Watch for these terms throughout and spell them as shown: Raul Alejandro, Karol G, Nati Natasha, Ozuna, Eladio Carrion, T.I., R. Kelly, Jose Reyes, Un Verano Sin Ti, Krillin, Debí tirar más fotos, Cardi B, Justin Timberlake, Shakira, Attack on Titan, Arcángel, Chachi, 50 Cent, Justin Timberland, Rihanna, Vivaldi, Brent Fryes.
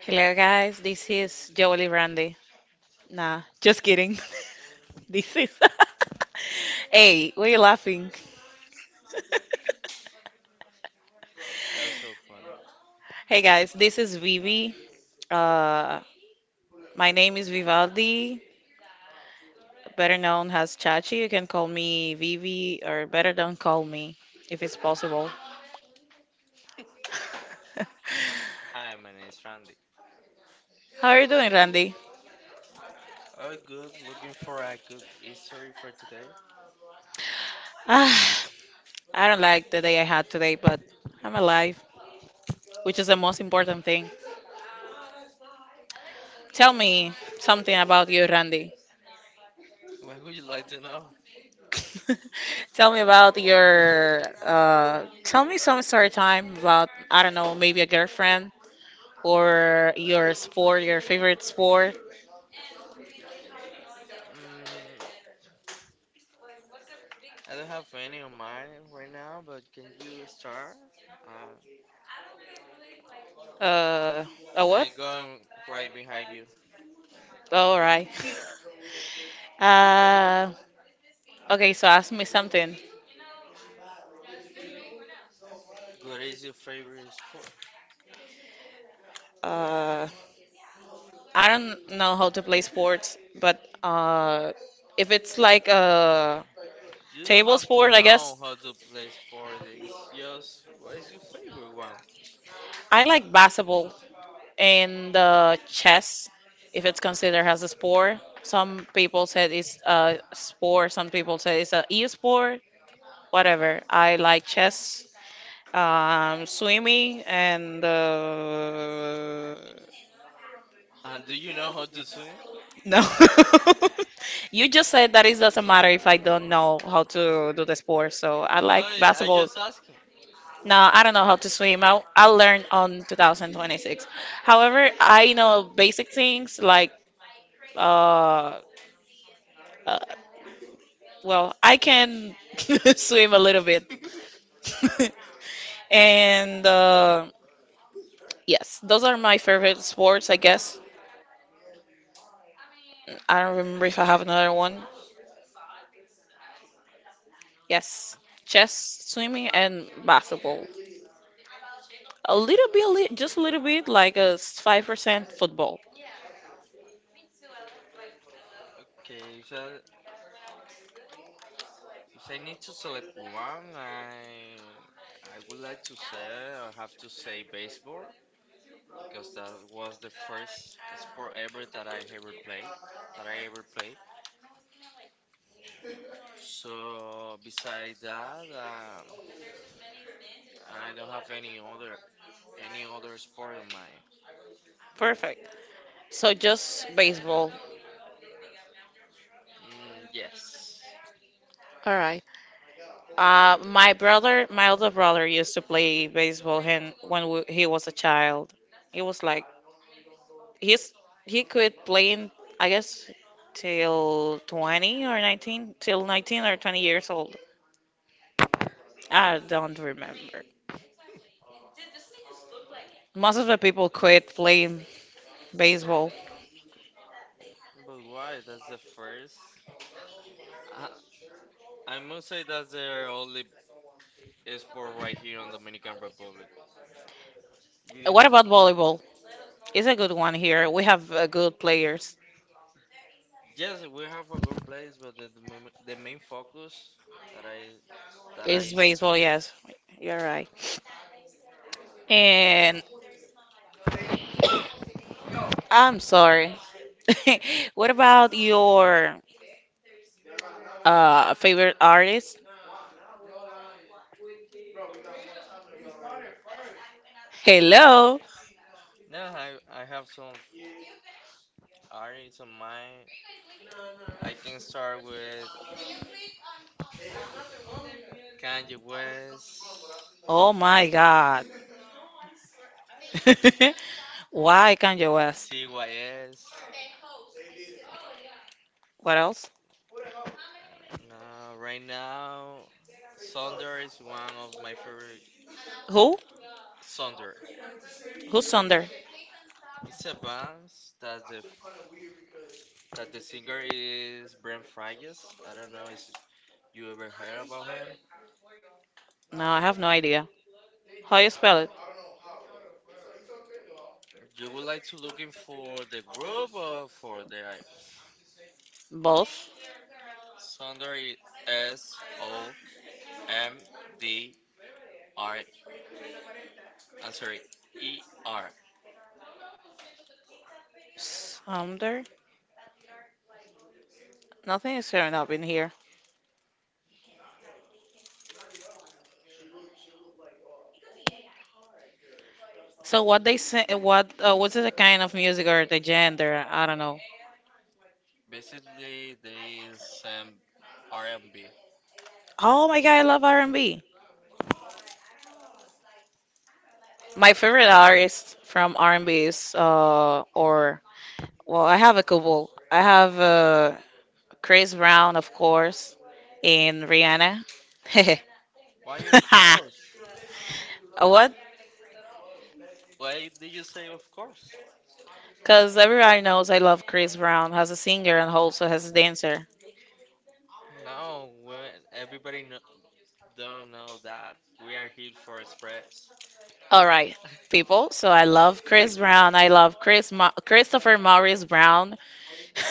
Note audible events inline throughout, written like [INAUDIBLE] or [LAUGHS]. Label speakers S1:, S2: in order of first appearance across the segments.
S1: Hello, guys. This is Jolie Randy. Nah, just kidding. [LAUGHS] This is. [LAUGHS] Hey, why you laughing?
S2: That's so
S1: [LAUGHS]
S2: funny.
S1: Hey, guys. This is Vivi. Uh, my name is Vivaldi, better known as Chachi. You can call me Vivi, or better don't call me if it's possible. [LAUGHS]
S2: Hi, my name is Randy.
S1: How are you doing, Randy? [SIGHS]
S2: Oh, good. Looking for a good history for today?
S1: Ah, I don't like the day I had today, but I'm alive, which is the most important thing. Tell me something about you, Randy.
S2: What would you like to know?
S1: [LAUGHS] Tell me about your. Tell me some story time about, I don't know, maybe a girlfriend or your sport, your favorite sport.
S2: Mm, I don't have any on mine right now, but can you start? Uh,
S1: Uh, a what?
S2: I'm going right behind you.
S1: All right.
S2: [LAUGHS]
S1: [LAUGHS] Uh, okay, so ask me something.
S2: What is your favorite sport?
S1: Uh, I don't know how to play sports, but if it's like a
S2: You don't
S1: table
S2: have to
S1: sport, I guess.
S2: know how to play sport. It's just what is your favorite one?
S1: I like basketball and chess, if it's considered as a sport. Some people said it's a sport. Some people say it's a e-sport. Whatever. I like chess, swimming, and
S2: And do you know how to swim?
S1: no. [LAUGHS] You just said that it doesn't matter if I don't know how to do the sport. So I
S2: No,
S1: like
S2: I
S1: basketball.
S2: just asking.
S1: No, I don't know how to swim. I learned on 2026. However, I know basic things like uh, uh well, I can [LAUGHS] swim a little bit. [LAUGHS]
S2: [LAUGHS]
S1: And yes, those are my favorite sports, I guess. I don't remember if I have another one. Yes, chess, swimming, and basketball. A little bit, just a little bit, like a 5% football.
S2: Okay, so if I need to select one, I would like to say I have to say baseball because that was the first sport ever that I ever played, that I ever played. So beside that, I don't have any other sport in mind.
S1: Perfect. So just baseball.
S2: Mm, yes.
S1: All right. My brother, my older brother, used to play baseball when he was a child. He was like he's he quit playing, I guess, till 20 or 19, till 19 or 20 years old. I don't remember.
S2: [LAUGHS]
S1: Most of the people quit playing baseball.
S2: But why? That's the first. I, I must say that's the only sport right here in Dominican Republic. Be- [LAUGHS]
S1: What about volleyball? It's a good one here. We have good players.
S2: Yes, we have a good place, but the main focus that I that I
S1: It's
S2: s-
S1: baseball, yes. You're right. And I'm sorry. [LAUGHS] What about your favorite artist? Hello.
S2: yeah, I have some artists in mind. I can start with Kanye West,
S1: Oh my God. [LAUGHS] Why Kanye West?
S2: CYS.
S1: What else?
S2: I don't know. Right now, Sonder is one of my favorite.
S1: Who?
S2: Sonder.
S1: Who's Sonder?
S2: It's a band that the f- that the singer is Brent Fryes. I don't know if you ever heard about him.
S1: No, I have no idea. How you spell it?
S2: You would like to looking for the group or for the artist?
S1: Both.
S2: Sonder is SOMDR. I'm sorry, E R.
S1: Sonder. Nothing is showing up in here. So what they say? What's the kind of music or the gender? I don't know.
S2: Basically, they send R&B.
S1: Oh my God, I love R&B. My favorite artist from R&B is or well, I have a couple. I have Chris Brown, of course, and Rihanna. [LAUGHS]
S2: Why of course?
S1: What?
S2: Why did you say of course?
S1: Because everybody knows I love Chris Brown as a singer and also as a dancer.
S2: No, when everybody kno don't know that we are here for express.
S1: All right,
S2: [LAUGHS]
S1: people. So I love Chris Brown. I love Christopher Maurice Brown.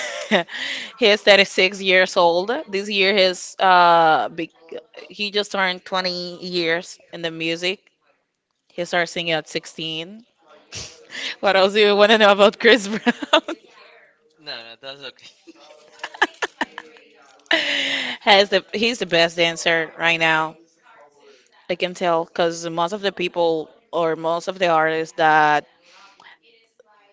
S1: [LAUGHS] He is 36 years old. This year, he just turned 20 years in the music. He started singing at 16. [LAUGHS]
S2: to
S1: What else do you want to know about Chris Brown?
S2: No, no, that's okay.
S1: [LAUGHS] Has the He's the best dancer right now. I can tell because most of the people or most of the artists that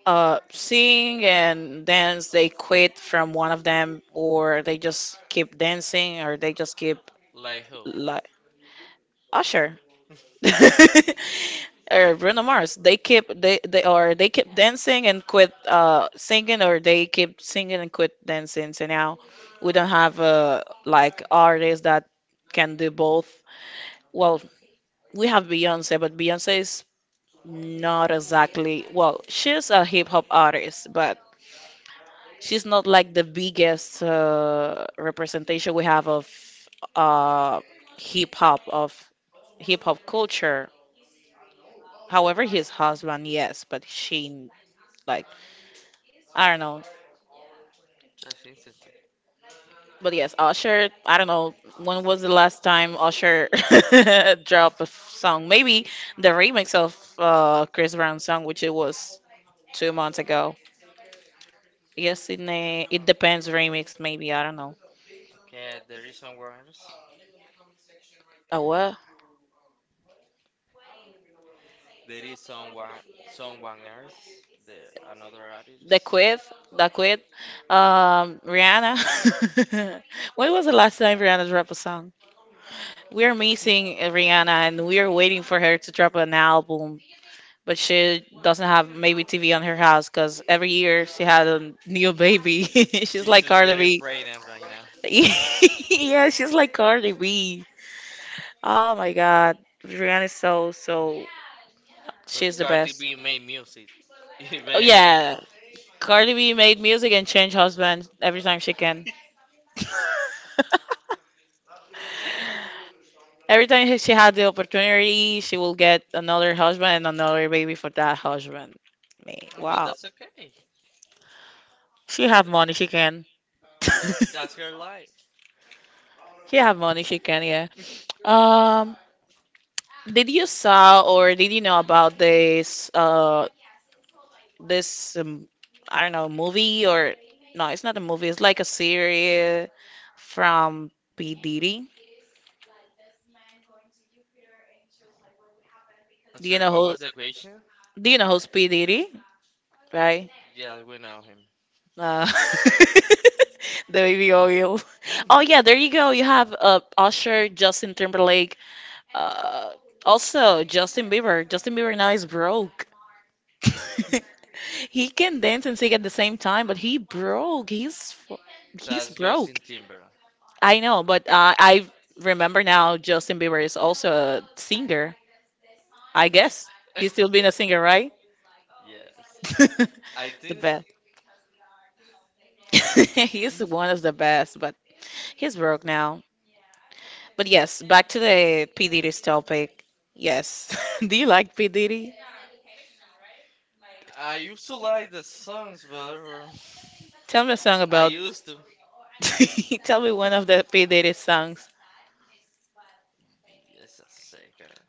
S1: sing and dance, they quit from one of them, or they just keep dancing, or they just keep
S2: [LAUGHS] Like who?
S1: like Usher
S2: [LAUGHS]
S1: [LAUGHS] or Bruno Mars. They keep they keep dancing
S2: Mm,
S1: and quit singing, or they keep singing and quit dancing. So now we don't have like artists that can do both. Well, we have Beyonce, but Beyonce is not exactly, well, she's a hip hop artist, but she's not like the biggest representation we have of uh, hip hop of hip hop culture. However, his husband, yes, but she like, I don't know. But yes, Usher, I don't know when was the last time Usher [LAUGHS] dropped a song. Maybe the remix of Chris Brown's song, which it was 2 months ago. Yes, it
S2: Uh,
S1: depends. Remix, maybe, I don't know.
S2: Okay, there is someone else.
S1: Oh what?
S2: There is someone else. The another
S1: The
S2: artist.
S1: quit, the quit. Rihanna. [LAUGHS] When was the last time Rihanna dropped a song? We're
S2: We
S1: missing Rihanna, and we are waiting for her to drop an album. But she doesn't have maybe TV on her house because every year she had a new baby. [LAUGHS] She's
S2: She's
S1: like
S2: just
S1: Cardi
S2: getting
S1: B.
S2: pregnant right now.
S1: [LAUGHS] Yeah, she's like Cardi B. Oh my God, Rihanna is so so.
S2: But
S1: She's the
S2: Cardi
S1: best.
S2: B made music. [LAUGHS]
S1: Oh,
S2: Even
S1: yeah, Cardi B made music and changed husbands every time she can. [LAUGHS] Every time she had the opportunity, she will get another husband and another baby for that husband. Me,
S2: No, but
S1: wow.
S2: that's okay.
S1: She have money, she can. [LAUGHS]
S2: That's her life.
S1: She have money, she can, yeah.
S2: [LAUGHS] I'm
S1: Um, did you saw or did you know about this, I don't know, movie or no, it's not a movie. It's like a series from P Diddy. Do you
S2: sorry,
S1: know
S2: what
S1: who?
S2: was the question?
S1: Do you know who's P Diddy? Right?
S2: Yeah, we know him.
S1: Uh, [LAUGHS] the baby oil.
S2: Mhm.
S1: Oh yeah, there you go. You have Usher, Justin Timberlake, uh, also Justin Bieber. Justin Bieber now is broke. [LAUGHS] He can dance and sing at the same time, but he broke. He's
S2: That's
S1: broke.
S2: Justin Timberland.
S1: I know, but I remember now Justin Bieber is also a singer. I guess he's still being a singer, right?
S2: [LAUGHS] Yes, I
S1: [LAUGHS] The
S2: think so.
S1: best. [LAUGHS]
S2: [LAUGHS]
S1: He's
S2: Hmm?
S1: one of the best, but he's broke now. But yes, back to the P Diddy's topic. Yes. [LAUGHS] Do you like P Diddy?
S2: I used to like the songs, but
S1: Tell me a song
S2: I
S1: about.
S2: used to.
S1: [LAUGHS] Tell me one of the P Diddy songs.
S2: Yes, a second.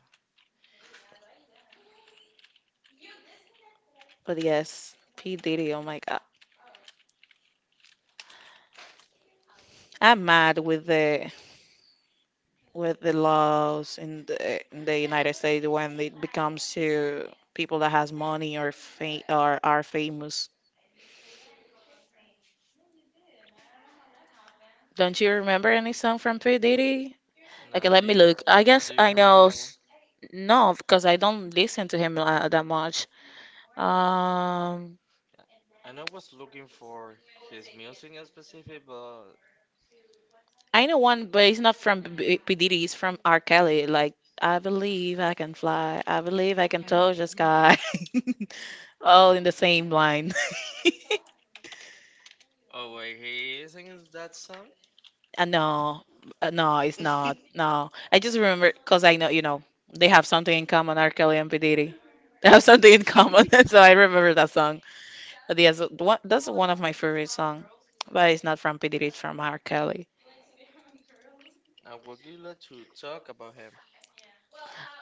S1: But yes, P Diddy. Oh my God, I'm mad with the laws in the United States when it becomes to people that has money or are famous. Don't you remember any song from P. Diddy? Okay,
S2: Now,
S1: let
S2: do
S1: me
S2: you
S1: look. I guess I know.
S2: remember one?
S1: No, because I don't listen to him that much. Um,
S2: Yeah. And I was looking for his music in specific, but
S1: I know one, but it's not from P. Diddy. It's from R. Kelly. Like, I believe I can fly. I believe I can
S2: mhm,
S1: touch the
S2: mhm.
S1: sky. [LAUGHS] All in the same line. [LAUGHS]
S2: Oh wait, he isn't that song.
S1: Uh, no, no, it's
S2: [LAUGHS]
S1: not. No, I just remember because I know, you know, they have something in common, R. Kelly and P. Diddy. They have something in common,
S2: [LAUGHS]
S1: [LAUGHS] so I remember
S2: [LAUGHS] [LAUGHS]
S1: that. Yes, that's one of my favorite songs, but it's not from P. Diddy, it's from R. Kelly.
S2: Remember that song. And would you like to talk about him?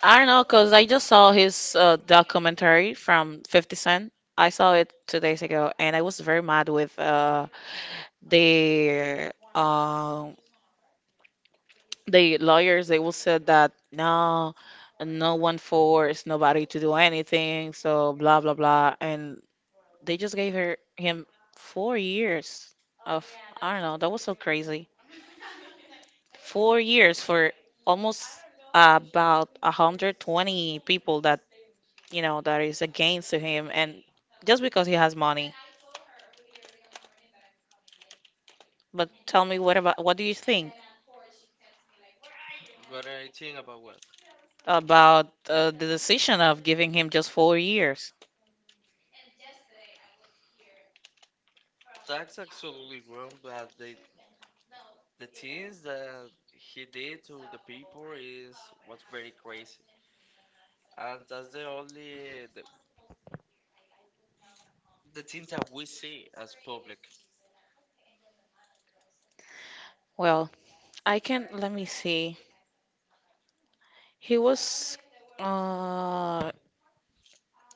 S1: I don't know, cause I just saw his documentary from 50 Cent. I saw it 2 days ago, and I was very mad with the um the lawyers. They will said that no, no one forced nobody to do anything, so blah blah blah, and they just gave her him 4 years of, I don't know. That was so crazy. 4 years for
S2: [LAUGHS]
S1: almost about 120 people that, you know, that is against to him, and just because he has money. But tell me, what about, what do you think
S2: What I think about what?
S1: about the decision of giving him just 4 years?
S2: That's absolutely wrong, but the things that he did to the people is was very crazy, and that's the only the thing that we see as public.
S1: Well, I can, let me see, he was uh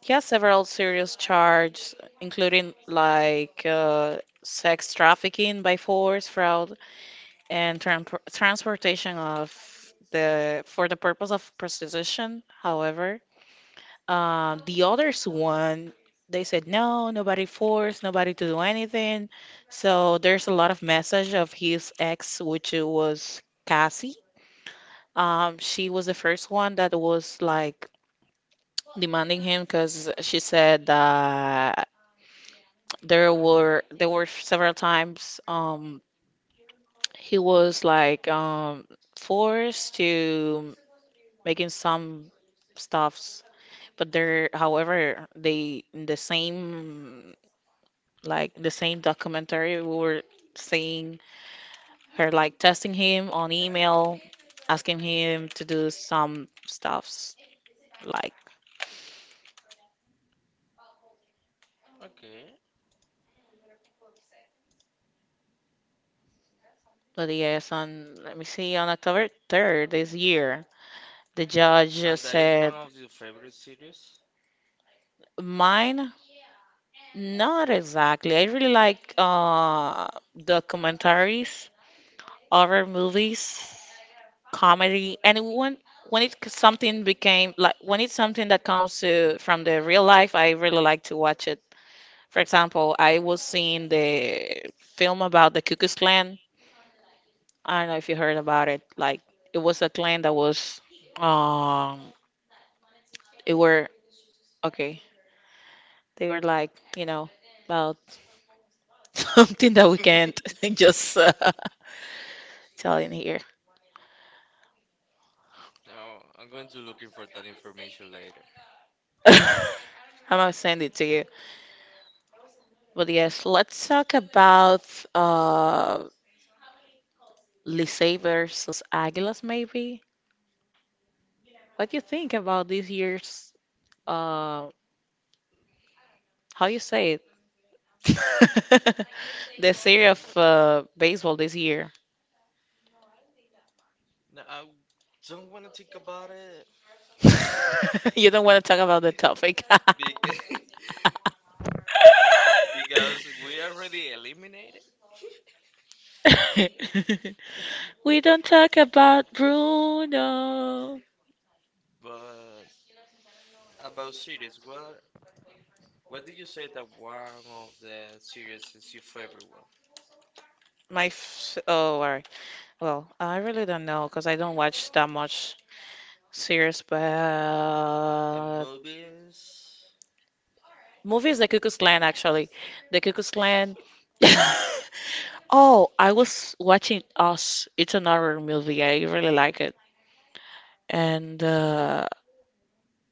S1: he has several serious charges including like sex trafficking by force, fraud, and transportation of the for the purpose of prostitution. However, the others one, they said no, nobody forced, nobody to do anything. So there's a lot of message of his ex, which it was Cassie. She was the first one that was like demanding him because she said that there were several times, he was like, forced to making some stuffs, but they're however they in the same, like the same documentary we were seeing her like testing him on email, asking him to do some stuffs like.
S2: Okay,
S1: But yes, on, let me see, on October 3rd this year, the judge
S2: and
S1: just
S2: that is one
S1: said
S2: of your favorite series.
S1: mine, not exactly. I really like documentaries, horror movies, comedy, and when something became like, when it's something that comes to from the real life, I really like to watch it. For example, I was seeing the film about the Ku Klux Klan. I don't know if you heard about it. Like, it was a clan that was, um, it were okay. They were like, you know, about [LAUGHS] something that we
S2: [LAUGHS]
S1: can't [LAUGHS] just tell in here.
S2: Oh, I'm going to looking for that information later.
S1: [LAUGHS] I'm gonna send it to you. But yes, let's talk about uh, Licey versus Águilas, maybe. What do you think about this year's, uh, how you say it? [LAUGHS] The series of baseball this year.
S2: No, I don't want to think about it
S1: [LAUGHS] You don't want to talk about the topic. [LAUGHS]
S2: [LAUGHS] because [LAUGHS] because we already eliminated. [LAUGHS]
S1: We don't talk about Bruno.
S2: But about series, what did you say that one of the series is your favorite one?
S1: My f Oh, all right. Well, I really don't know because I don't watch that much series, but
S2: And movies?
S1: movies, The Cuckoo's Clan, actually. The Cuckoo's Clan. [LAUGHS] Oh, I was watching Us. It's an horror movie. I really like it. And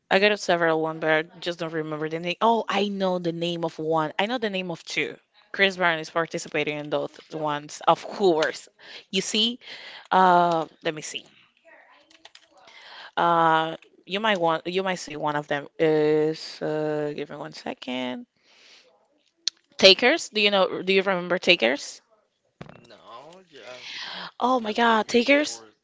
S1: I got several one, but I just don't remember the name. Oh, I know the name of one. I know the name of two. Chris Brown is participating in those ones, of course. You see? Let me see. Uh, you might say one of them is give me one second. Takers, do you know? Do you remember Takers?
S2: No, yeah, I
S1: Oh my
S2: kept
S1: God,
S2: looking
S1: Takers!
S2: for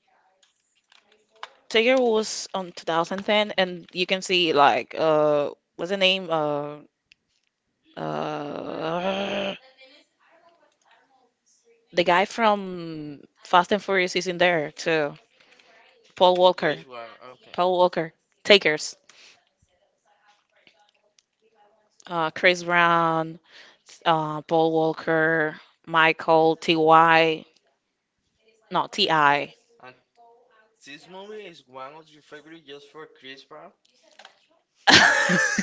S1: Taker was on 2010, and you can see like what's the name? Uh, the guy from Fast and Furious is in there too. Paul Walker.
S2: which one. Okay,
S1: Paul Walker. Takers. Chris Brown. Paul Walker. Michael T.Y. No, T.I.
S2: and this movie is one of your favorite just for Chris Brown?
S1: [LAUGHS]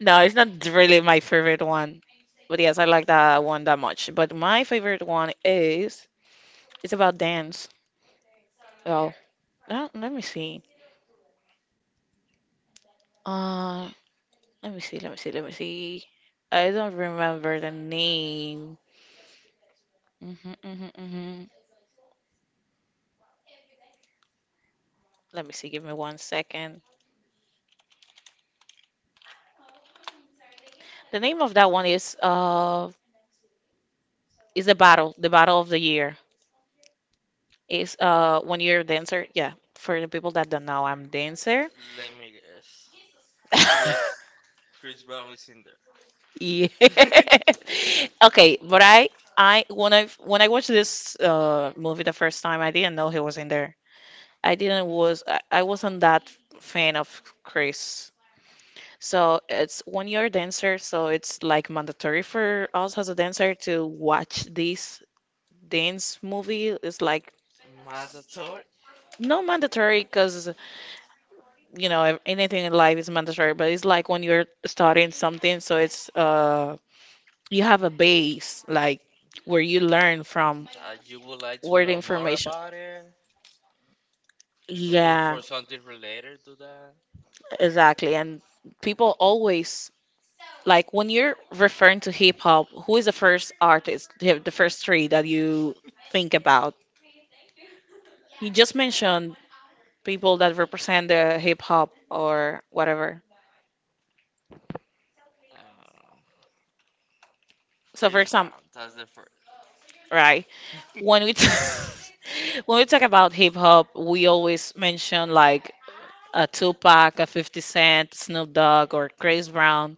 S1: No, it's not really my favorite one. But yes, I like that one that much. But my favorite one is, it's about dance. Oh, let me see. Uh, Let me see, let me see, let me see. I don't remember the name. hmm hmm hmm Let me see, give me one second. The name of that one is the battle of the year. Is when you're a dancer, yeah. For the people that don't know, I'm dancer.
S2: Let me guess.
S1: [LAUGHS]
S2: Chris Brown is in
S1: Yeah.
S2: there.
S1: [LAUGHS] Okay, but I when I when I watched this movie the first time, I didn't know he was in there. I wasn't that fan of Chris. So it's, when you're a dancer, so it's like mandatory for us as a dancer to watch this dance movie. It's like
S2: [LAUGHS] Mandatory.
S1: not mandatory because, ev- anything in life is mandatory, but it's like when you're starting something, so it's you have a base, like where you learn from,
S2: You would like to
S1: where the
S2: know more
S1: information,
S2: about it? You're looking
S1: yeah,
S2: for something related to that?
S1: exactly. And people always, like when you're referring to hip hop, who is the first artist, the first three that you think about, you just mentioned people that represent the hip hop or whatever.
S2: Uh,
S1: So, for
S2: Chris
S1: example,
S2: Brown. That's the first.
S1: right. when we t-
S2: [LAUGHS]
S1: [LAUGHS] when we talk about hip hop, we always mention like a Tupac, a 50 Cent, Snoop Dogg, or Chris Brown.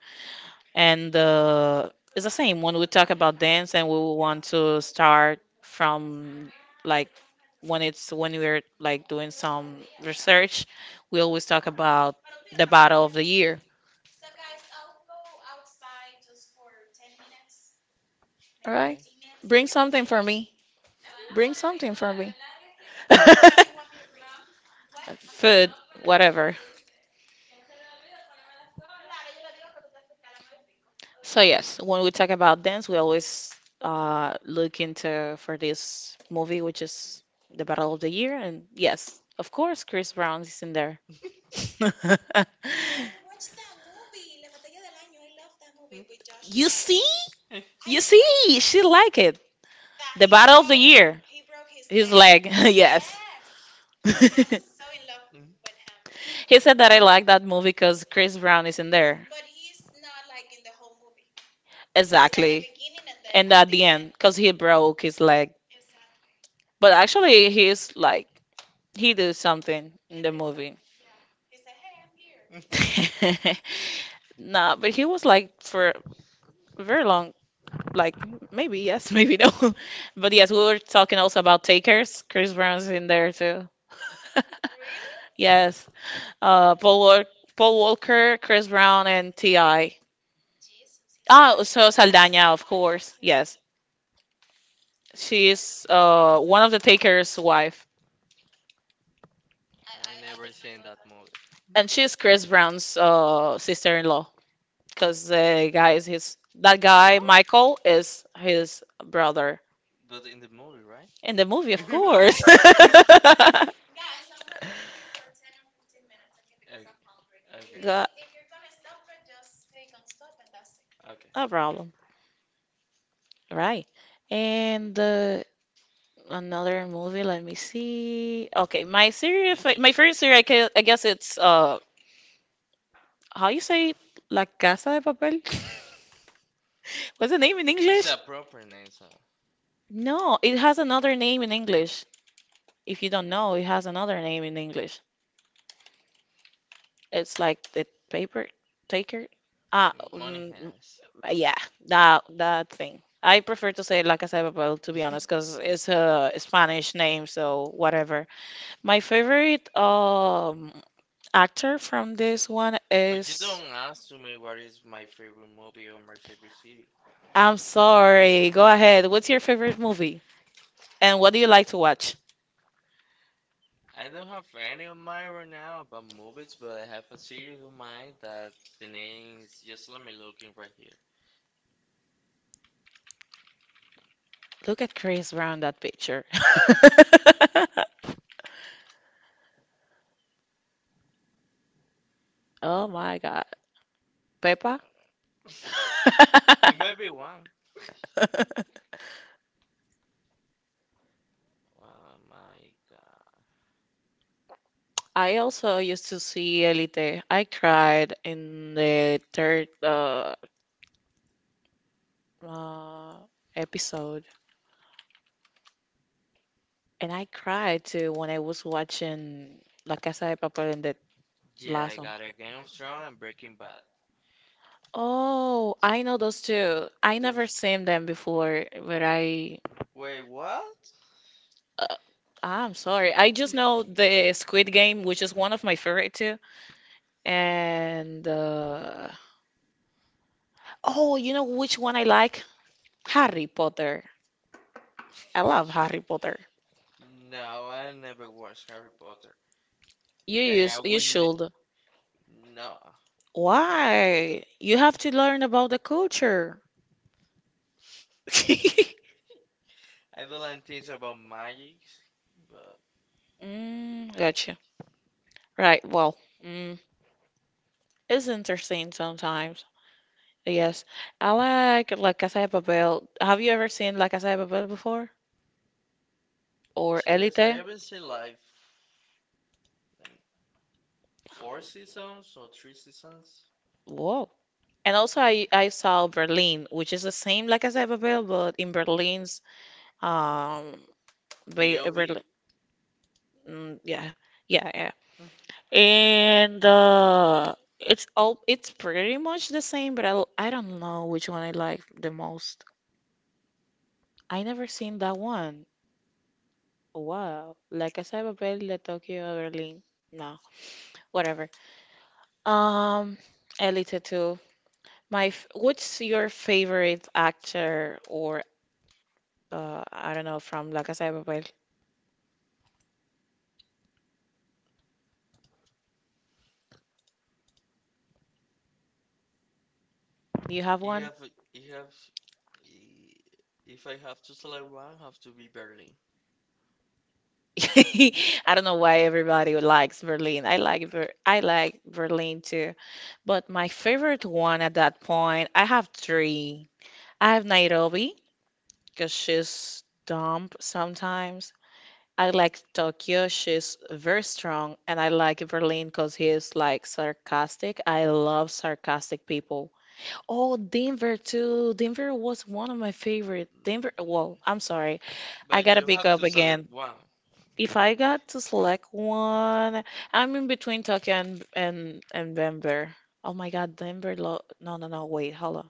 S1: And It's the same when we talk about dance, and we will want to start from, like, when we're like doing some research, we always talk about the battle of the year. All right,
S2: Okay.
S1: bring something for me. Bring something for me. [LAUGHS] Food, whatever. So yes, when we talk about dance, we always look into for this movie, which is the Battle of the Year, and yes, of course, Chris Brown is in there. [LAUGHS] You see?
S2: Hmm? [LAUGHS]
S1: You see? She like it. The Battle of the Year. His leg. [LAUGHS] Yes. [LAUGHS]
S2: Mhm.
S1: He said that I like that movie because Chris Brown is in there. Exactly. And at the end, because he broke his leg. But actually, he's like, he did something in the movie.
S2: Mhm. [LAUGHS]
S1: [LAUGHS] Nah, but he was like for very long, like maybe yes, [LAUGHS] maybe no. But yes, we were talking also about takers. Chris Brown's in there too. [LAUGHS] Yes. Paul Walker, Paul Walker, Chris Brown, and T.I. Ah, so Saldaña, of course. Yes. She is one of the taker's wife.
S2: I never seen that movie.
S1: And she's Chris Brown's sister-in-law, because the guy is his that
S2: What?
S1: guy Michael is his brother
S2: But in the movie, right?
S1: in the movie, of course.
S2: [LAUGHS]
S1: [LAUGHS]
S2: Okay. Okay.
S1: Go-
S2: Okay.
S1: No problem. Right. And another movie, let me see. Okay, my
S2: But you,
S1: my favorite serial, I guess it's how you say it? La Casa de Papel? [LAUGHS] What's the name in
S2: it's
S1: English?
S2: a proper name, so
S1: No, it has another name in English. If you don't know, it has another name in English. It's like the paper taker. Ah,
S2: Money has.
S1: yeah, that thing. I prefer to say La Casa de Papel, to be
S2: [LAUGHS]
S1: honest, because it's a Spanish name, so whatever. My favorite actor from this one
S2: But you
S1: is.
S2: don't ask to me what is my favorite movie or my favorite series.
S1: I'm sorry. Go ahead. What's your favorite movie? And what do you like to watch?
S2: I don't have any of mine right now about movies, but I have a series of mine that the name is just let me look in right here.
S1: Look at Chris around that picture. [LAUGHS] Oh my God. Peppa? [LAUGHS]
S2: [LAUGHS] It might be one. Oh my god.
S1: I also used to see Elite. I cried in the third uh, episode, and I cried too when I was watching La Casa de Papel in the
S2: Yeah, I
S1: last one.
S2: got a Game of Thrones and Breaking Bad.
S1: Oh, I know those two. I
S2: The
S1: never seen them before, but I.
S2: Wait, what?
S1: Uh, I'm sorry. I just know the
S2: [LAUGHS]
S1: Squid Game, which is one of my favorite too. And oh, you know which one I like? Harry Potter. I love Harry Potter.
S2: No, I never watched Harry Potter. And I
S1: You
S2: wouldn't.
S1: should.
S2: No,
S1: Why? You have to learn about the culture. [LAUGHS]
S2: I do like things about magic, but
S1: Mm, gotcha. Right. Well, mm, it's interesting sometimes. Yes. I like La Casa de Papel. Have you ever seen La Casa de Papel before? Or
S2: yes, I
S1: Elite?
S2: haven't seen like let me- four seasons or three seasons.
S1: Whoa. And also, I saw Berlin, which is the same, like as said, but in Berlin's, um, Be
S2: POV.
S1: Berlin. Yeah, yeah, yeah.
S2: Mm.
S1: And it's pretty much the same, but I don't know which one I like the most. I never seen that one. Wow, like I said, the Tokyo, Berlin. No, whatever. Um, Elite too. My, f what's your favorite actor, or I don't know, from La Casa de Papel? You have
S2: You
S1: one?
S2: have, you have. i- If I have to select one, have to be Berlin.
S1: [LAUGHS] I don't know why everybody likes Berlin. I like Ber I like Berlin too. But my favorite one at that point, I have three. I have Nairobi because she's dumb sometimes. I like Tokyo, she's very strong, and I like Berlin because he is like sarcastic. I love sarcastic people. Oh, Denver too. Denver was one of my favorite. Denver,
S2: Mm,
S1: well, I'm sorry. I
S2: but
S1: gotta
S2: you
S1: pick
S2: have
S1: up
S2: to
S1: again.
S2: select one.
S1: If I got to select one, I'm in between Tokyo and Denver. Oh my God, Denver. Lo No, no, no. Wait, hello.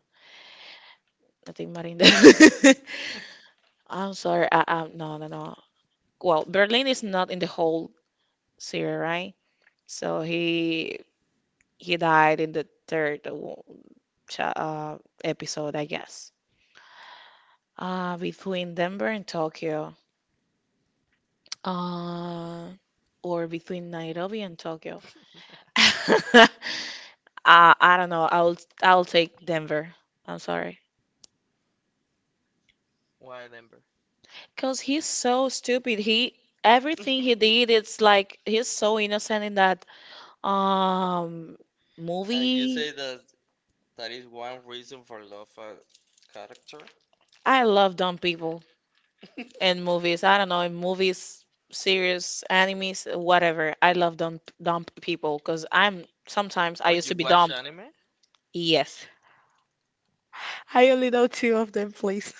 S1: I think Marinda. [LAUGHS] I'm sorry. No, no, no. Well, Berlin is not in the whole series, right? So he died in the third cha- uh, episode, I guess. Between Denver and Tokyo, uh, or between Nairobi and Tokyo.
S2: [LAUGHS]
S1: [LAUGHS] I don't know. I'll take Denver. I'm sorry.
S2: Why Denver?
S1: Cause he's so stupid. He Everything he did, it's like he's so
S2: [LAUGHS]
S1: innocent in that um
S2: And you
S1: movie.
S2: say that that is one reason for love a character?
S1: I love dumb people in
S2: [LAUGHS]
S1: movies. I don't know, in movies, series, animes, whatever. I love dumb people because I'm sometimes I
S2: Oh,
S1: used
S2: you
S1: to be
S2: watch
S1: dumb.
S2: anime?
S1: Yes. I only know two of them, please.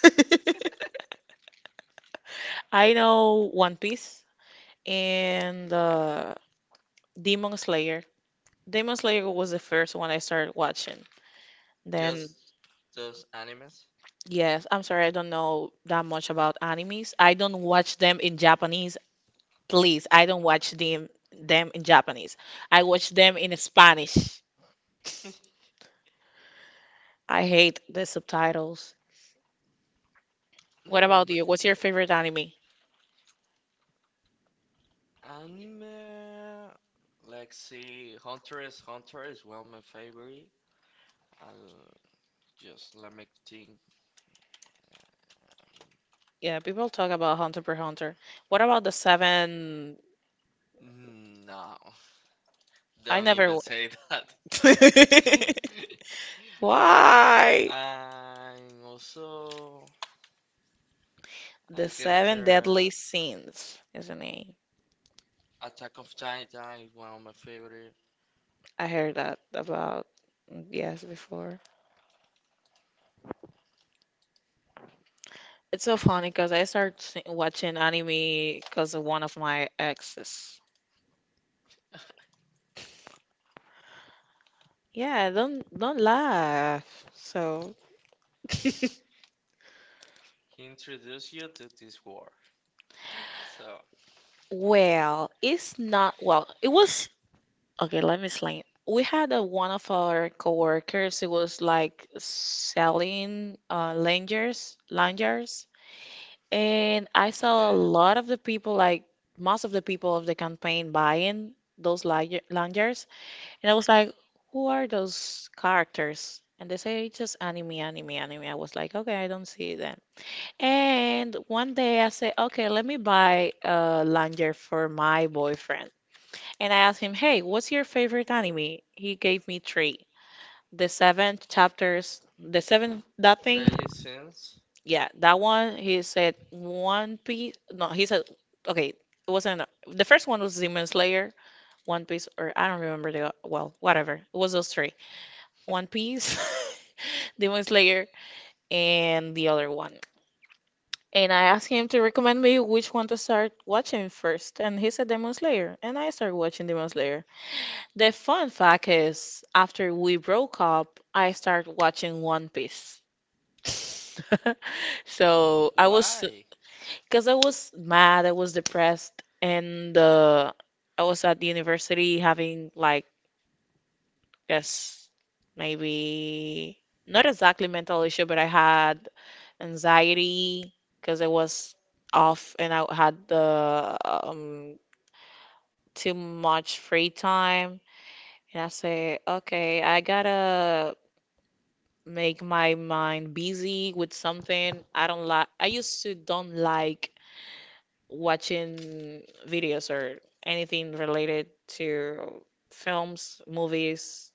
S1: [LAUGHS] I know One Piece and Demon Slayer. Demon Slayer was the first one I started watching. Then,
S2: Just just animes?
S1: yes, I'm sorry, I don't know that much about animes. I don't watch them in Japanese. Please, I don't watch them in Japanese. I watch them in Spanish.
S2: [LAUGHS]
S1: I hate the subtitles. What
S2: No,
S1: about
S2: but
S1: you? What's your favorite anime?
S2: anime. Let's see. Hunter is one of my favorite. I'll just let me think.
S1: Yeah, people talk about Hunter per Hunter. What about the seven?
S2: No, [LAUGHS]
S1: I
S2: don't
S1: never.
S2: even say that. [LAUGHS]
S1: [LAUGHS] Why?
S2: And also,
S1: The
S2: I can
S1: Seven Deadly
S2: tell.
S1: Sins is the name.
S2: Attack of Titan is one of my favorite.
S1: I heard that about, yes, before. It's so funny because I started watching anime because of one of my exes. Yeah, don't laugh. So, [LAUGHS]
S2: He introduced you to this war. So,
S1: well, it's not well. It was okay. Let me explain. One of our coworkers who was like selling lanyards. And I saw a
S2: okay.
S1: lot of the people, like most of the people of the campaign, buying those lanyards. And I was like, who are those characters? And they say, just anime, anime, anime. I was like, okay, I don't see them. And one day I said, okay, let me buy a lanyard for my boyfriend. And I asked him, hey, what's your favorite anime? He gave me three. The seven chapters, the seven, that thing.
S2: Daily Sins.
S1: Yeah, that one he said One Piece. No, he said, okay. It wasn't, the first one was Demon Slayer, One Piece, or I don't remember. The Well, whatever. It was those three: One Piece, [LAUGHS] Demon Slayer, and the other one. And I asked him to recommend me which one to start watching first, and he said Demon Slayer, and I started watching Demon Slayer. The fun fact is, after we broke up, I started watching One Piece. [LAUGHS] So I was
S2: Why?
S1: Because I was mad, I was depressed, and I was at the university having, like, yes, maybe not exactly mental issue, but I had anxiety because I was off and I had the too much free time. And I say, okay, I gotta make my mind busy with something. I don't like. I used to don't like watching videos or anything related to films, movies,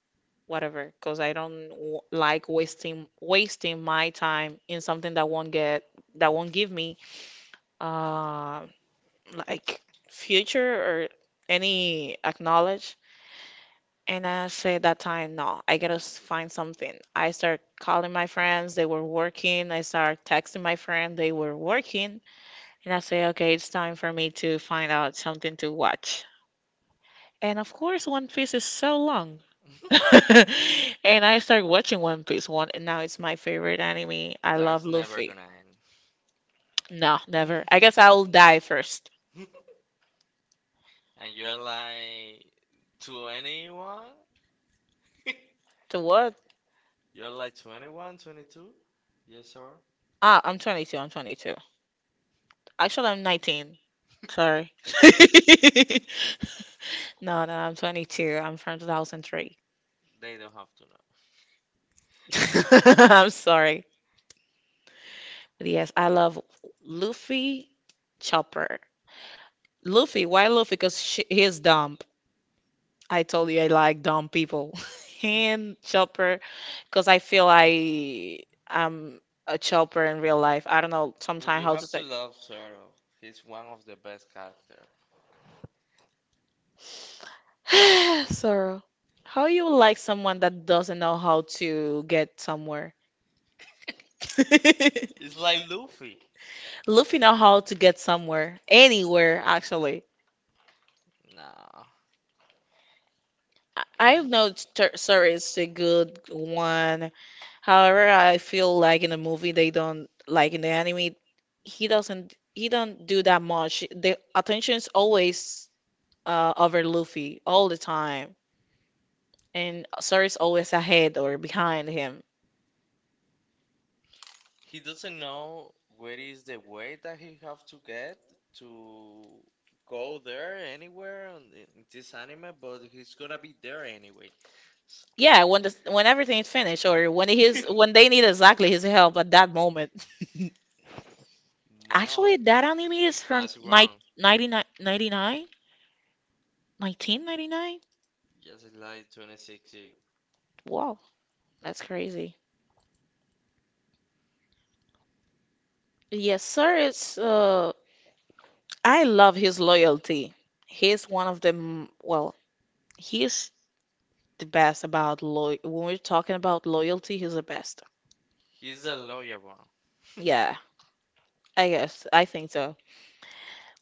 S1: whatever, because I don't w like wasting my time in something that won't get that won't give me uh, like future or any acknowledge. And I said that time, no, I gotta find something. I start calling my friends, they were working. I start texting my friend, they were working. And I say, okay, it's time for me to find out something to watch. And of course, One Piece is so long. [LAUGHS]
S2: [LAUGHS]
S1: And I start watching One Piece one, and now it's my favorite anime. I love
S2: That's never
S1: Luffy.
S2: gonna
S1: No,
S2: end.
S1: never. I
S2: [LAUGHS]
S1: guess I'll die first.
S2: And you're like 21? [LAUGHS]
S1: To what?
S2: You're like 21, 22? Yes, sir.
S1: Ah, I'm 22. I'm 22. Actually, I'm 19.
S2: [LAUGHS]
S1: Sorry. [LAUGHS] No, no, I'm 22. I'm from 2003.
S2: They don't have to
S1: [LAUGHS] I'm sorry. But yes, I love Luffy, Chopper. Luffy, why Luffy? Because he's dumb. I told you I like dumb people. [LAUGHS]
S2: know.
S1: And Chopper, because I feel I am a Chopper in real
S2: [LAUGHS]
S1: life. I don't know
S2: But
S1: sometimes
S2: you
S1: how to
S2: have
S1: say.
S2: to love Zoro. He's one of the best character.
S1: [SIGHS] Sorrow, how you like someone that doesn't know how to get somewhere?
S2: It's
S1: [LAUGHS]
S2: like Luffy.
S1: Luffy know how to get somewhere, anywhere actually.
S2: Nah.
S1: I know
S2: [LAUGHS]
S1: Sorry is a good one. However, I feel like in the movie they don't like in the anime he don't do that much. The attention is always over Luffy all the time, and Sorry is always ahead or behind him.
S2: He doesn't know where is the way that he have to get to go there anywhere in this anime, but he's gonna be there anyway. S-
S1: Yeah, when the
S2: [LAUGHS]
S1: when everything is finished or when they need exactly his help at that moment. [LAUGHS]
S2: No,
S1: Actually, that anime is from
S2: that's
S1: ni
S2: wrong.
S1: 99 ninety-nine 1999.
S2: Yes, it's like 26 years.
S1: Wow, that's crazy. Yes, sir. It's I love his loyalty. He's one of the m- well, he's the best about loy. When we're talking about loyalty, he's the best.
S2: He's a lawyer one. Yeah,
S1: Yeah, I guess I think so.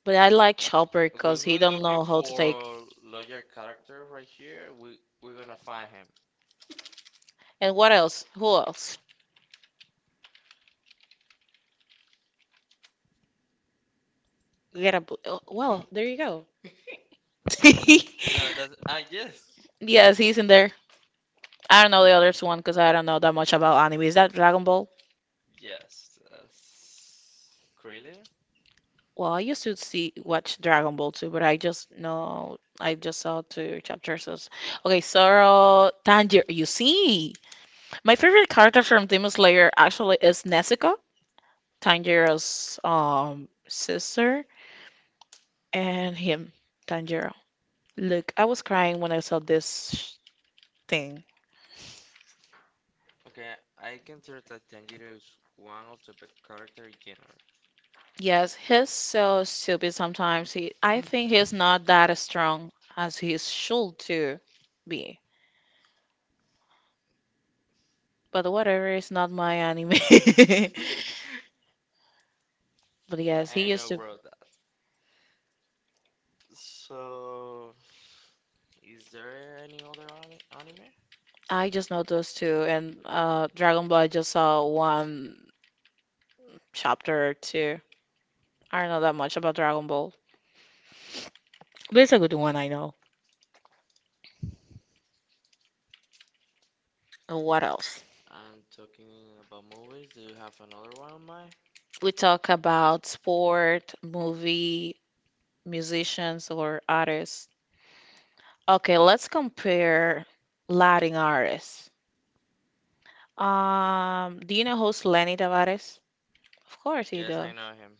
S1: But I like
S2: [LAUGHS]
S1: Chopper
S2: We
S1: because
S2: because
S1: he
S2: were
S1: don't
S2: looking
S1: know how to take.
S2: for lawyer character right here. We're gonna find him.
S1: And what else? Who else? We gotta. Bu- oh, Well, there you go.
S2: [LAUGHS] No,
S1: [LAUGHS]
S2: that's yes,
S1: Yes, he's in there. I don't know the other one because I don't know that much about anime. Is that Dragon Ball?
S2: yes, that's Krillin.
S1: Well, I used to see watch Dragon Ball too, but I just, no, I just saw two chapters. Okay, Zoro, Tanjiro. You see, my favorite character from Demon Slayer actually is Nezuko, Tanjiro's sister, and him, Tanjiro. Look, I was crying when I saw this thing.
S2: Okay, I consider that Tanjiro is one of the best character in general.
S1: Yes, he's so stupid sometimes. I think he's not that as strong as he should to be. But whatever, it's not my anime. [LAUGHS] But
S2: [LAUGHS] I
S1: yes,
S2: Yeah, I
S1: he used
S2: know,
S1: to.
S2: bro. That so. Is there any other anime?
S1: I just know those two, and Dragon Ball. I just saw one chapter or two. I don't know that much about Dragon Ball, but it's a good one, I know. And what else?
S2: And talking about movies. Do you have another one in mind?
S1: We talk about sport, movie, musicians, or artists. Okay, let's compare Latin artists. Do you know who's Lenny Tavares? Of course you
S2: Yes, I
S1: do.
S2: know him.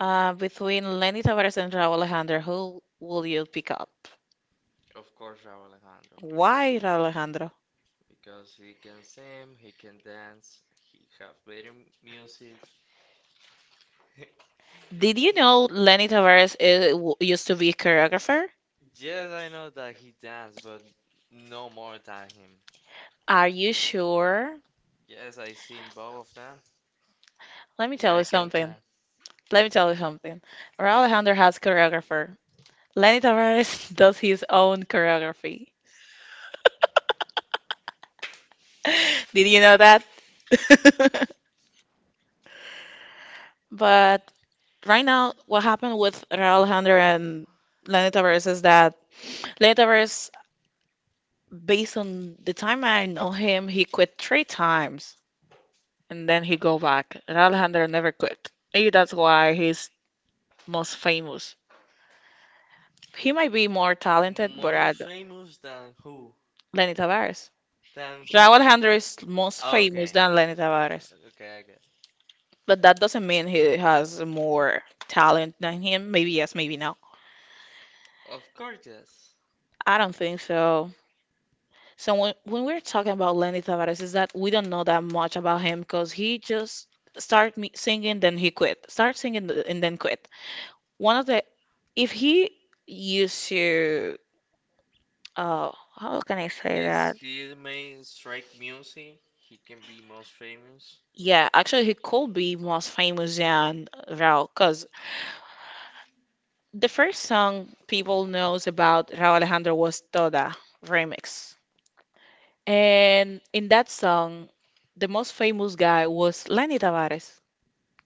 S1: Between Lenny Tavares and Raul Alejandro, who will you pick up?
S2: Of course, Raúl Alejandro,
S1: Why Raul Alejandro?
S2: because he can sing, he can dance, he have better music. [LAUGHS]
S1: Did you know Lenny Tavares used to be a choreographer?
S2: Yes, I know that he dance, but no more than him.
S1: Are you sure?
S2: Yes, I seen both of them.
S1: Let me
S2: Yeah,
S1: tell
S2: I
S1: you
S2: can
S1: something.
S2: tell.
S1: Let me tell you something. Raul Alejandro has choreographer. Lenny Tavares [LAUGHS] does his own choreography. [LAUGHS] Did you know that? [LAUGHS] But right now, what happened with Raul Alejandro and Lenny Tavares is that Lenny Tavares, based on the time I know him, he quit three times and then he go back. Raul Alejandro never quit. Maybe that's why he's most famous. He might be more talented, but
S2: More famous than who?
S1: Lenny Tavares.
S2: Than
S1: Raul
S2: who?
S1: Alejandro is most famous
S2: Okay,
S1: than Lenny Tavares,
S2: okay, I get.
S1: but that doesn't mean he has more talent than him. Maybe yes, maybe no.
S2: Of course, yes.
S1: I don't think so. So when we're talking about Lenny Tavares, is that we don't know that much about him because he just start me singing, then he quit. Start singing and then quit. One of the if he used to, oh, how can I say
S2: Is
S1: that?
S2: he main strike music? He can be most famous.
S1: Yeah, actually, he could be most famous than Raul, because the first song people knows about Raul Alejandro was Toda remix. And in that song, the most famous guy was Lenny Tavares,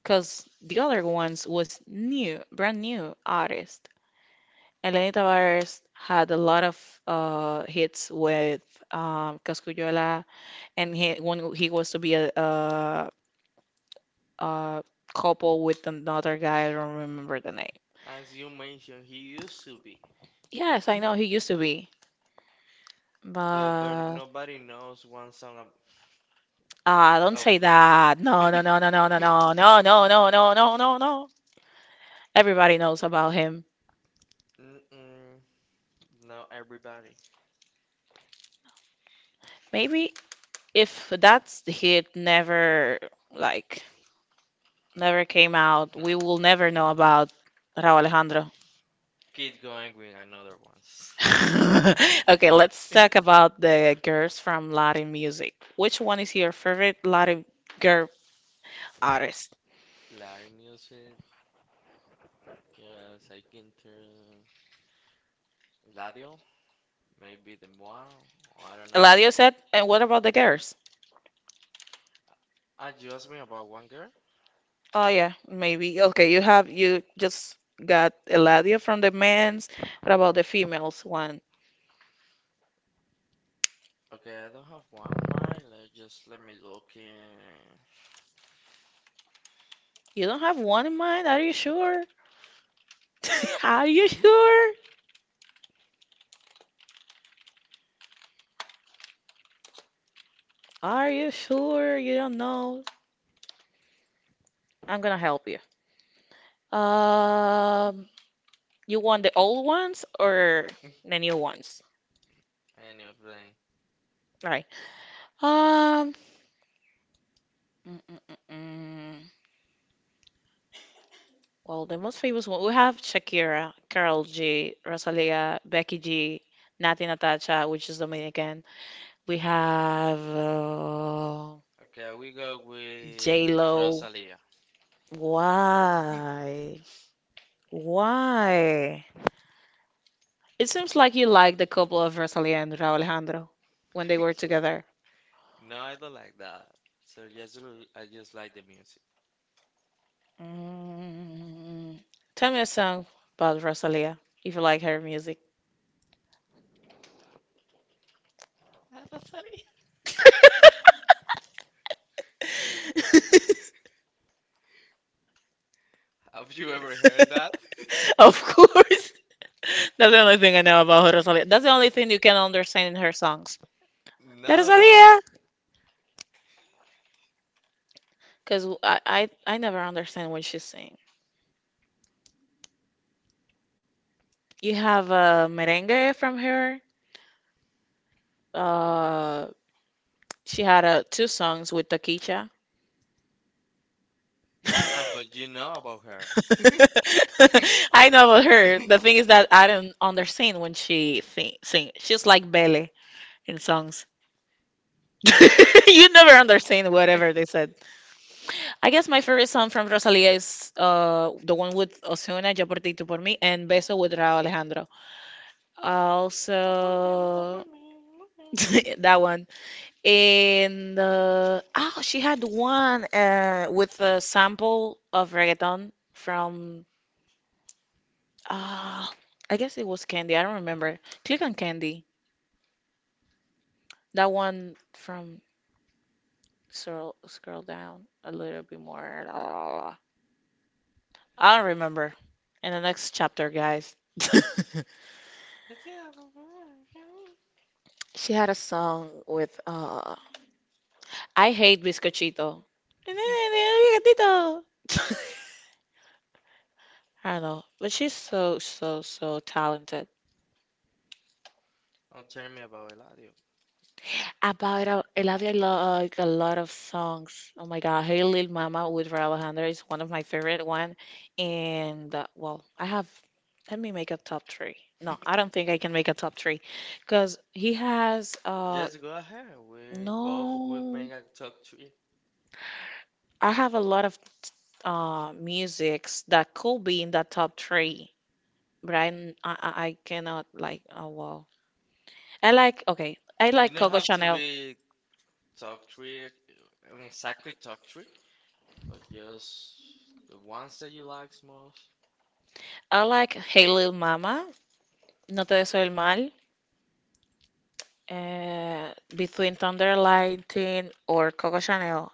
S1: because the other ones was new, brand new artist. And Lenny Tavares had a lot of hits with Cascuyuela, and when he was to be a uh couple with another guy. I don't remember the name.
S2: As you mentioned, he used to be.
S1: Yes, I know he used to be,
S2: But,
S1: but
S2: nobody knows one song of,
S1: don't say that.
S2: Lenny.
S1: No, no, no, no, no, no,
S2: [LAUGHS]
S1: no, no, no, no, no, no, no, no. Everybody knows about him.
S2: Mm-mm, no, everybody.
S1: Maybe if that hit never like never came out,
S2: No.
S1: we will never know about Raúl Alejandro.
S2: Keep going with another ones.
S1: [LAUGHS] Okay, let's talk
S2: [LAUGHS]
S1: about the girls from Latin music. Which one is your favorite Latin girl
S2: La
S1: artist?
S2: Larry Music. Yes, I can turn Ladio. Maybe the Moa. I don't know.
S1: Eladio said, and what about the girls?
S2: I You asked me about one.
S1: Oh yeah, maybe. Okay, you just got Eladio from the men's. What about the females one?
S2: Okay, I don't have one on mine. Like, just let me look
S1: You don't have one in mind? Are you sure? [LAUGHS] Are you
S2: in. Mhm.
S1: sure? Are you sure? You don't know. I'm gonna help you. Um, you want the old ones or the new ones?
S2: Anything. [LAUGHS]
S1: All right. Um, mm, mm, mm, mm. Well, the most famous one, we have Shakira, Karol G, Rosalia, Becky G, Nati Natasha, which is Dominican. We have
S2: Okay, we go with
S1: J-Lo.
S2: Rosalia.
S1: Why? Why? It seems like you like the couple of Rosalia and Raúl Alejandro when they were
S2: [LAUGHS]
S1: together.
S2: No, I don't like that. So just I just like the music.
S1: Mm. Tell me a song about Rosalia if you like her music. [LAUGHS]
S2: [LAUGHS] Have you ever heard that? [LAUGHS]
S1: Of course. That's the only thing I know about her, Rosalia. That's the only thing you can understand in her songs. That
S2: No, no.
S1: Rosalia! Because I never understand what she's saying. You have a merengue from her.
S2: Mm.
S1: Uh, she had two songs with Takicha.
S2: Ah, but
S1: [LAUGHS]
S2: you know about her.
S1: I know about her. The thing is that I don't understand when she
S2: [LAUGHS]
S1: sing. She's like Belle in songs. [LAUGHS] You never understand
S2: [LAUGHS]
S1: whatever they said. I guess my favorite song from Rosalía is the one with Ozuna, Yo por ti, tú por mí, and Beso with Raúl Alejandro.
S2: [LAUGHS] Don't parte, tú
S1: Also,
S2: por mí, yo por mí. [LAUGHS]
S1: [LAUGHS] that one. And she had one with a sample of reggaeton from uh I guess it was Candy. I don't remember. Click on Candy. That one from scroll down a little bit more. I don't remember. In the next chapter, guys. [LAUGHS]
S2: Vestida con flores, feliz.
S1: She had a song with I hate Biscochito. [LAUGHS]
S2: [LAUGHS]
S1: I don't know, but she's so so so talented.
S2: Don't tell me about Eladio.
S1: About Eladia, like a lot of songs. Oh my God, Hey Lil Mama with Raul Alejandro is one of my favorite one. And well, I have. Let me make a top three. No, I don't
S2: [LAUGHS]
S1: think I can make a top three, because he has
S2: Just go ahead. We
S1: no.
S2: make a talk tree.
S1: I have a lot of musics that could be in the top three, but I cannot like oh wow. I like okay. I
S2: You
S1: like
S2: don't
S1: Coco
S2: have to
S1: Chanel.
S2: be talk tree, I mean exactly talk tree, but just the ones that you like most.
S1: I like Hey Little Mama, No te deseo el mal, between Thunder Lightning or Coco Chanel.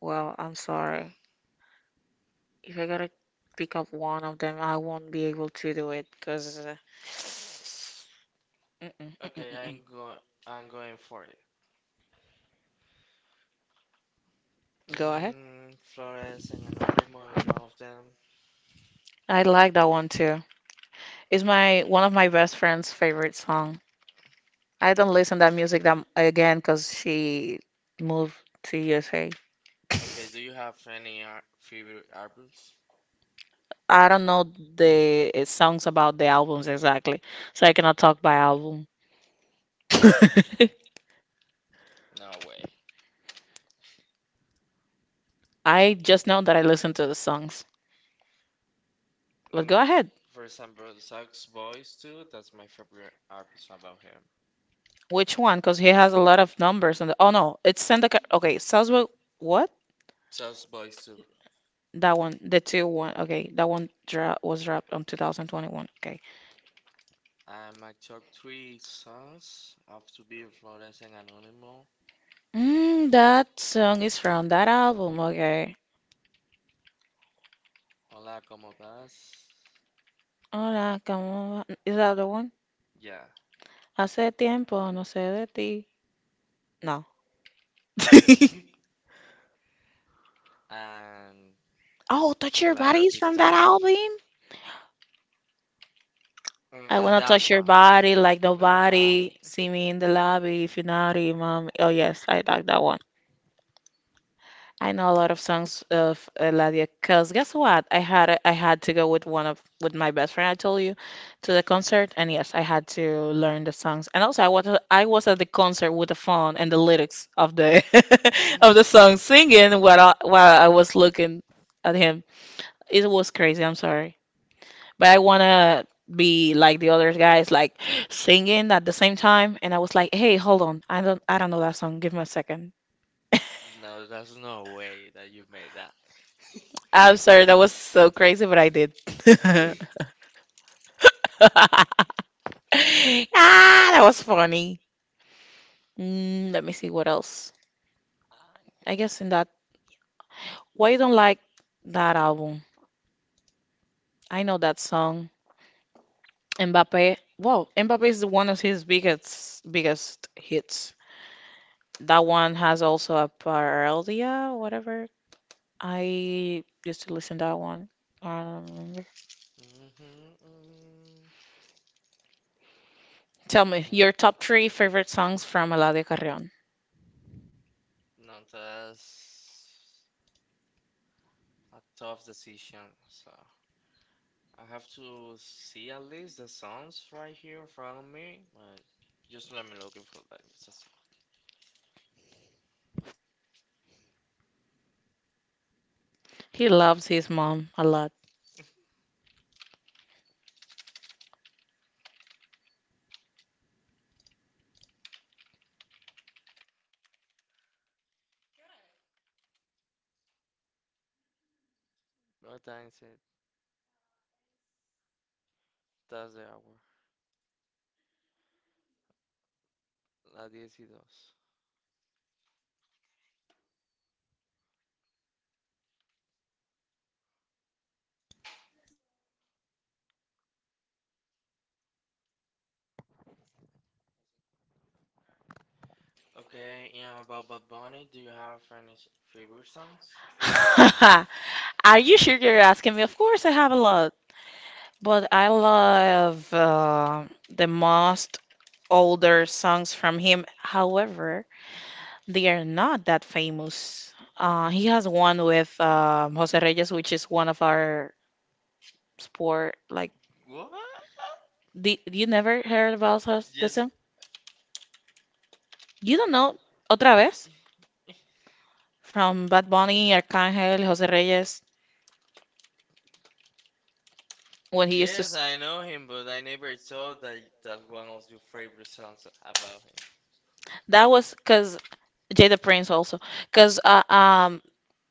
S1: Well, I'm sorry. If I gotta pick up one of them, I won't be able to do it because. [SIGHS] Mm-mm, mm-mm, mm
S2: Okay,
S1: mm, mm.
S2: I'm going for it.
S1: Go ahead.
S2: Mm, Flores and Anonymous is one of them.
S1: I like that one too. It's my one of my best friend's favorite song. I don't listen that music that again because she moved to USA.
S2: Okay, do you have any ar favorite albums?
S1: I don't know the songs about the albums exactly, so I cannot talk by album. [LAUGHS]
S2: No way.
S1: I just know that I listen to the songs. But
S2: Mm,
S1: go ahead.
S2: for example, South Boys 2, that's my favorite album about him.
S1: Which one? Because he has a lot of numbers. And oh no, it's Santa. Okay, Salzburg. What?
S2: South Boys 2.
S1: That one, the two one. Okay, that one dra was dropped on 2021. Okay.
S2: And my top three songs have to be Flores and Anónimo,
S1: Mm, that song is from that album. Okay.
S2: Hola, ¿cómo vas?
S1: Hola, ¿cómo va? Is that the one?
S2: Yeah.
S1: Hace tiempo no sé de ti. No. [LAUGHS]
S2: And
S1: Oh, Touch Your
S2: Claro
S1: Body is from that
S2: Cristal.
S1: album?
S2: Mm,
S1: I
S2: and
S1: wanna
S2: that
S1: touch your
S2: one.
S1: body like
S2: Like nobody.
S1: nobody. See me in the lobby if you're naughty, mom. Oh yes, I like that one. I know a lot of songs of Eladia because guess what? I had to go with one of with my best friend I told you to the concert and yes, I had to learn the songs. And also I was at the concert with the phone and the lyrics of the [LAUGHS]
S2: Mm.
S1: of the song singing while I was looking at him. It was crazy, I'm sorry. But I wanna be like the other guys like singing at the same time and I was like, "Hey, hold on. I don't know that song. Give me a second."
S2: No, there's no way that you made that.
S1: I'm sorry,
S2: [LAUGHS]
S1: that was so crazy, but I did. [LAUGHS] Ah, that was funny. Mm, let me see what else. I guess in that, why you don't like that album? I know that song. Mbappe. Wow, Mbappe is one of his biggest hits. That one has also a Parelia, whatever. I used to listen to that one. I don't remember.
S2: Mm-hmm.
S1: Tell
S2: Okay.
S1: me your top three favorite songs from Eladio Carrion.
S2: No, that's a tough decision. So I have to see at least the songs right here in front of me. But just let me looking for that. Just a sec.
S1: He loves his mom a lot.
S2: What time is it? That's the hour. La 10 y 2. Okay, yeah, about Bad Bunny, do you have any favorite songs?
S1: [LAUGHS] Are you sure you're asking me? Of course, I have a lot, but I love the most older songs from him. However, they are not that famous. He has one with Jose Reyes, which is one of our sport. Like,
S2: What?
S1: you never heard about the
S2: Yes,
S1: song? You don't know Otra Vez from Bad Bunny, Arcángel, Jose Reyes when he used to.
S2: Yes, I know him, but I never thought that that's one of your favorite songs about him.
S1: That was because Jada Prince also, because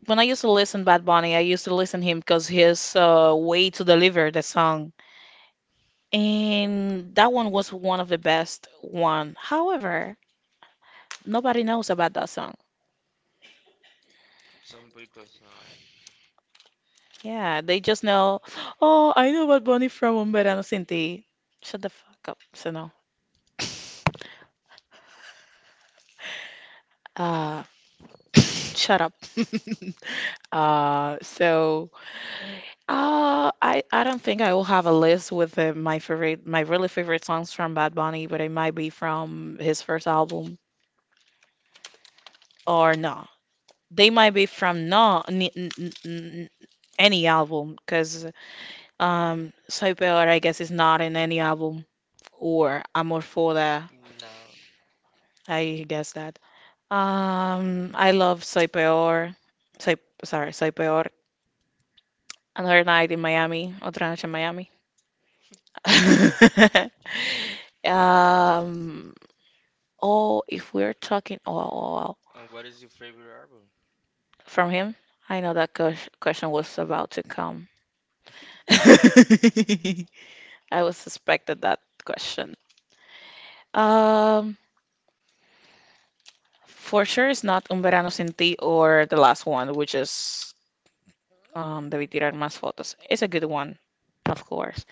S1: when I used to listen Bad Bunny, I used to listen him because his way to deliver the song, and that one was one of the best one. However, nobody knows about that song.
S2: Some people know it.
S1: Yeah, they just know, oh, I know Bad Bunny from Umberano Cinti. Shut the fuck up. So no. Uh, [LAUGHS] Shut up. [LAUGHS] So. I don't think I will have a list with my really favorite songs from Bad Bunny, but it might be from his first album or no. They might be from no n n n n- any album because Soy Peor I guess is not in any album or Amor Foda
S2: No.
S1: I guess that. I love Soy Peor. Soy Soy Peor. Another night in Miami. Otra noche en Miami. [LAUGHS] Um, Oh, if we're talking, oh, oh.
S2: And what is your favorite album?
S1: from him, I know that question was about to come. [LAUGHS] I was suspected that question. Um, for sure, it's not Un Verano Sin Ti or the last one, which is Debí tirar más fotos. It's a good one, of course.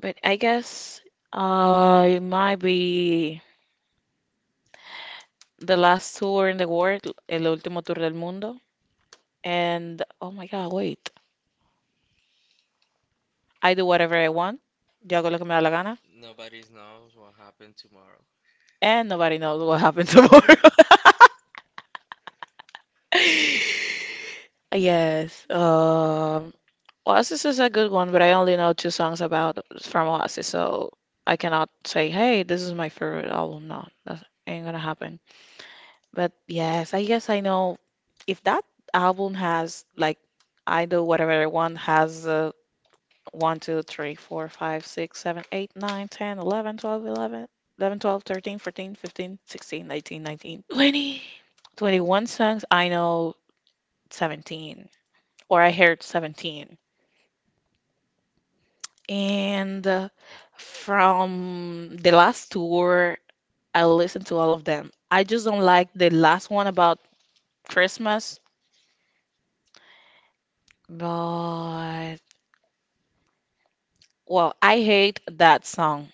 S1: But I guess it might be the last tour in the world, El Último Tour del Mundo. And oh my God, wait. I do whatever I want. Yo hago lo que me da la gana.
S2: [LAUGHS] Nobody knows what happened tomorrow.
S1: And nobody knows what happens tomorrow. [LAUGHS] Yes. Oasis is a good one, but I only know two songs about from Oasis, so I cannot say, "Hey, this is my favorite album." No, that ain't gonna happen. But yes, I guess I know if that album has like I do whatever I want has a one, 2, 3, 4, 5, 6, 7, 8, 9, 10, 11, 12, 11, 11, 12, 13, 14, 15, 16, 18, 19, 20, 21 songs. I know 17, or I heard 17. And from the last tour, I listened to all of them. I just don't like the last one about Christmas, but well, I hate that song.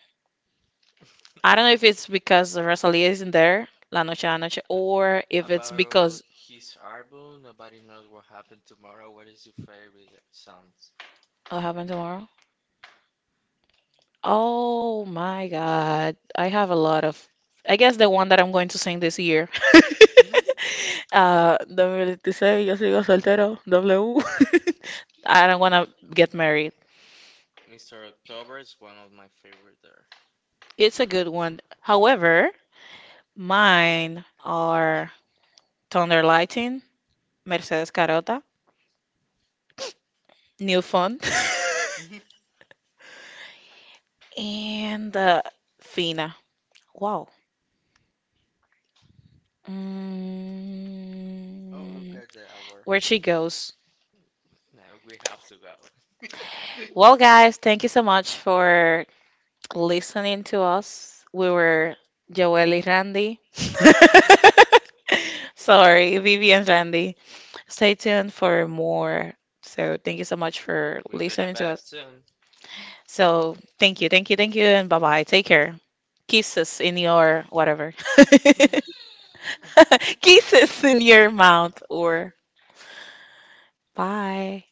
S2: [LAUGHS]
S1: I don't know if it's because Rosalia isn't there, La Noche a la Noche, or if it's
S2: About
S1: because
S2: his album, nobody knows what happened tomorrow. What is your favorite songs?
S1: it'll happen tomorrow. Oh my God. I have a lot of. I guess the one that I'm going to sing this year. [LAUGHS] 2026, yo sigo soltero, W. [LAUGHS] I don't want to get married.
S2: [LAUGHS] Mr. October is one of my favorite there.
S1: It's a good one. However, mine are Thunder Lighting, Mercedes Carota, New phone. [LAUGHS] And Fina. Wow.
S2: [LAUGHS] Oh, look
S1: Mm,
S2: at the hour.
S1: where she goes.
S2: Now we have to go.
S1: Well, guys, thank you so much for listening to us. We were Joelle y Randy.
S2: [LAUGHS]
S1: [LAUGHS] Sorry, Vivi and Randy. Stay tuned for more. So, thank you so much for
S2: We're gonna
S1: listening to
S2: back
S1: us.
S2: soon.
S1: So, thank you, thank you, thank you, and bye bye. Take care. Kisses in your whatever. [LAUGHS]
S2: Hmm
S1: [LAUGHS] Kisses in your mouth or bye.